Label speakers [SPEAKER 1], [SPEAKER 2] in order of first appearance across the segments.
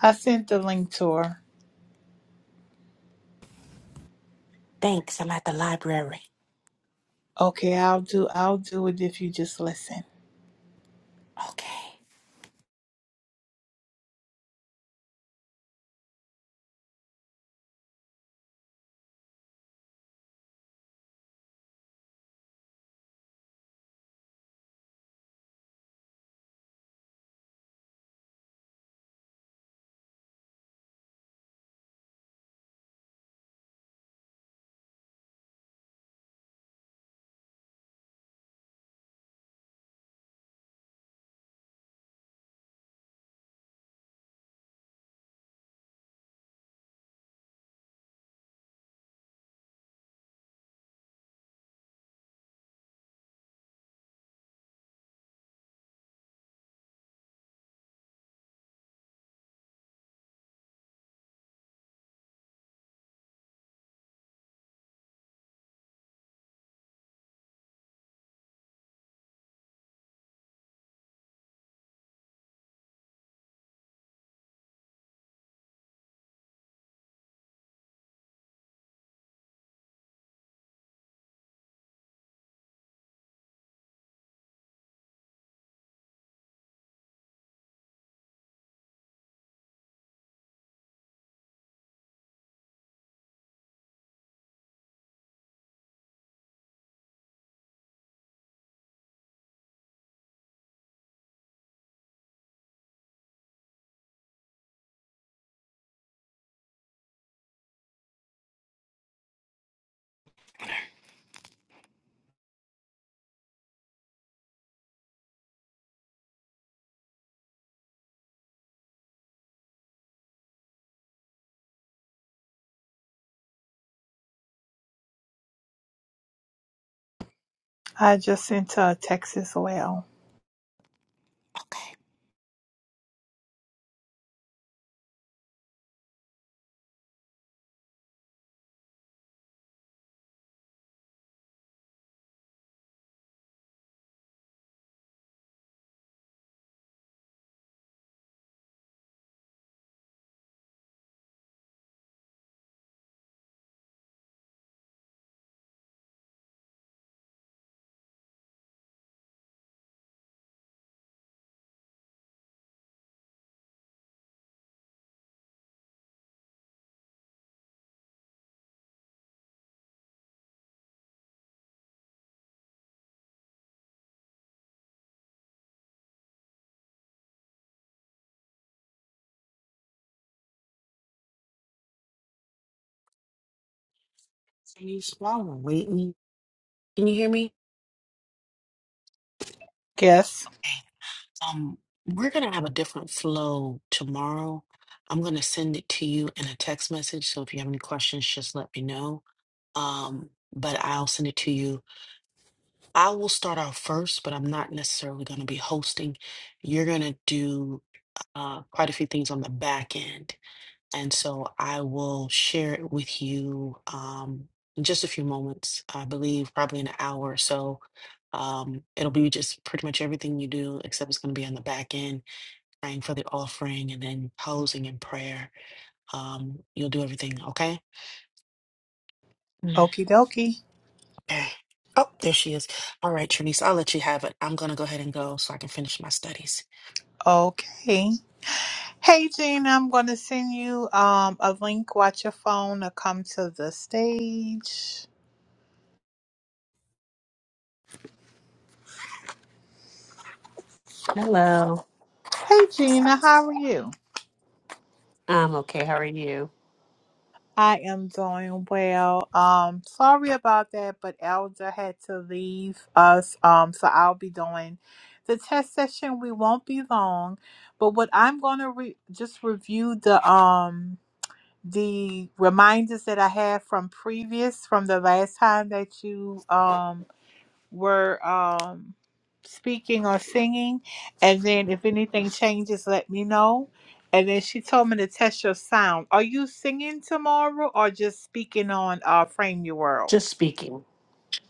[SPEAKER 1] I sent the link to her.
[SPEAKER 2] Thanks. I'm at the library.
[SPEAKER 1] Okay, I'll do I'll do it if you just listen.
[SPEAKER 2] Okay.
[SPEAKER 1] I just sent her a text as well.
[SPEAKER 2] Okay. Can you swallow, Whitney? Can you hear me?
[SPEAKER 1] Yes.
[SPEAKER 2] Okay. Um, we're gonna have a different flow tomorrow. I'm gonna send it to you in a text message. So if you have any questions, just let me know. Um, but I'll send it to you. I will start off first, but I'm not necessarily gonna be hosting. You're gonna do uh, quite a few things on the back end. And so I will share it with you um, in just a few moments, I believe, probably an hour or so. Um, it'll be just pretty much everything you do, except it's going to be on the back end, praying for the offering and then closing in prayer. Um, you'll do everything, okay? Mm.
[SPEAKER 1] Okie dokie.
[SPEAKER 2] Okay. Oh, there she is. All right, Trinice, I'll let you have it. I'm going to go ahead and go so I can finish my studies.
[SPEAKER 1] Okay. Hey Gina, I'm gonna send you um a link. Watch your phone to come to the stage.
[SPEAKER 3] Hello.
[SPEAKER 1] Hey Gina, how are you?
[SPEAKER 3] I'm okay. How are you?
[SPEAKER 1] I am doing well. Um, sorry about that, but Elder had to leave us. Um, so I'll be doing the test session. We won't be long, but what I'm gonna re- just review the um the reminders that I had from previous from the last time that you um were um, speaking or singing. And then if anything changes, let me know. And then she told me to test your sound. Are you singing tomorrow or just speaking on uh, Frame Your World?
[SPEAKER 3] Just speaking.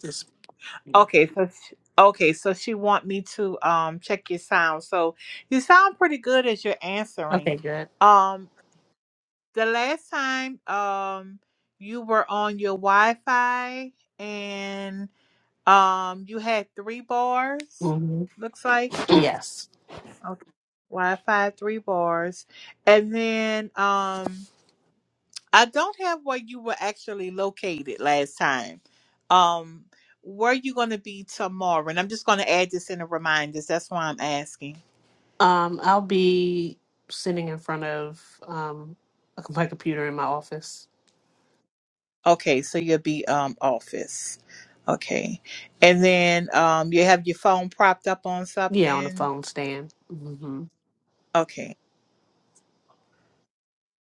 [SPEAKER 3] Just speaking.
[SPEAKER 1] Okay, so sh okay, so she want me to um check your sound. So you sound pretty good as you're answering.
[SPEAKER 3] Okay, good.
[SPEAKER 1] Um, the last time um you were on your Wi-Fi and um you had three bars,
[SPEAKER 3] hmm
[SPEAKER 1] looks like.
[SPEAKER 3] Yes.
[SPEAKER 1] Okay. Wi-Fi three bars, and then um, I don't have where you were actually located last time. Um, where you going to be tomorrow? And I'm just going to add this in the reminders. That's why I'm asking.
[SPEAKER 3] Um, I'll be sitting in front of um like, my computer in my office.
[SPEAKER 1] Okay, so you'll be um office. Okay, and then um, you have your phone propped up on
[SPEAKER 3] Yeah, on a
[SPEAKER 1] something.
[SPEAKER 3] phone stand. hmm
[SPEAKER 1] Okay.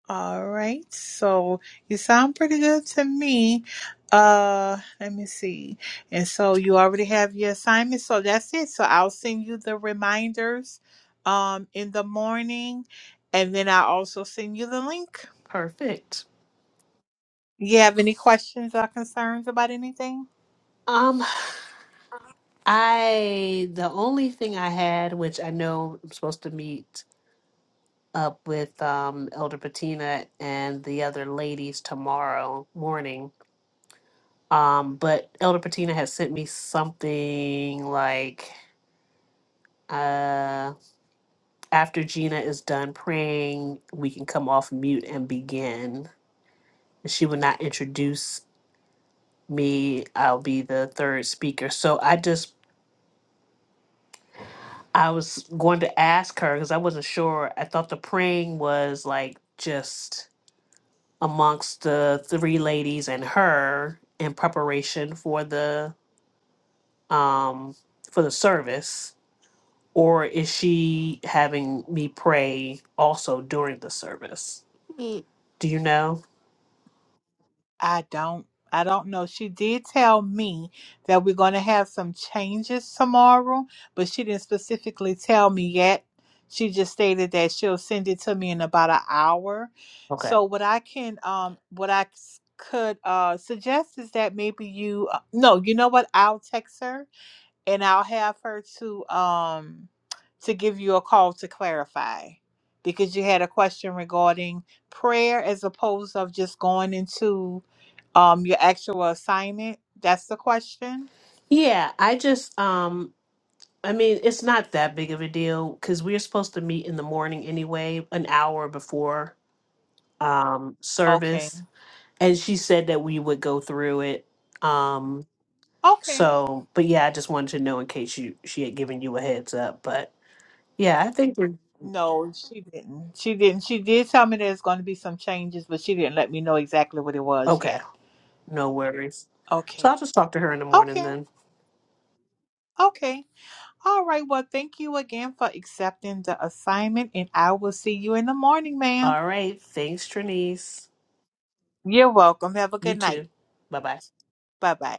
[SPEAKER 1] All right. So you sound pretty good to me. Uh, let me see. And so you already have your assignment. So that's it. So I'll send you the reminders um in the morning and then i also send you the link.
[SPEAKER 3] Perfect.
[SPEAKER 1] You have any questions or concerns about anything?
[SPEAKER 3] Um, I the only thing I had, which I know I'm supposed to meet up with um Elder Patina and the other ladies tomorrow morning Um, but Elder Patina has sent me something like uh, after Gina is done praying, we can come off mute and begin. She will not introduce me. I'll be the third speaker. So I just I was going to ask her because I wasn't sure. I thought the praying was like just amongst the three ladies and her in preparation for the um for the service or is she having me pray also during the service? Do you know?
[SPEAKER 1] I don't I don't know. She did tell me that we're going to have some changes tomorrow, but she didn't specifically tell me yet. She just stated that she'll send it to me in about an hour.
[SPEAKER 3] Okay.
[SPEAKER 1] So what I can um what I s- could uh suggest is that maybe you uh, no, you know what? I'll text her and I'll have her to um to give you a call to clarify because you had a question regarding prayer as opposed of just going into um, your actual assignment? That's the question?
[SPEAKER 3] Yeah, I just um I mean, it's not that big of a deal cuz we're supposed to meet in the morning anyway, an hour before um
[SPEAKER 1] Okay.
[SPEAKER 3] service, and she said that we would go through it. Um
[SPEAKER 1] Okay.
[SPEAKER 3] so, but yeah, I just wanted to know in case you she had given you a heads up, but yeah, I think we're
[SPEAKER 1] No, she didn't. She didn't. She did tell me there's going to be some changes, but she didn't let me know exactly what it was
[SPEAKER 3] okay.
[SPEAKER 1] yet.
[SPEAKER 3] No worries. So
[SPEAKER 1] Okay.
[SPEAKER 3] I'll just talk to her in the morning
[SPEAKER 1] Okay.
[SPEAKER 3] then.
[SPEAKER 1] Okay. All right. Well, thank you again for accepting the assignment, and I will see you in the morning, ma'am.
[SPEAKER 3] All right. Thanks, Trinice.
[SPEAKER 1] You're welcome. Have a
[SPEAKER 3] You
[SPEAKER 1] good night.
[SPEAKER 3] too. Bye bye.
[SPEAKER 1] Bye bye.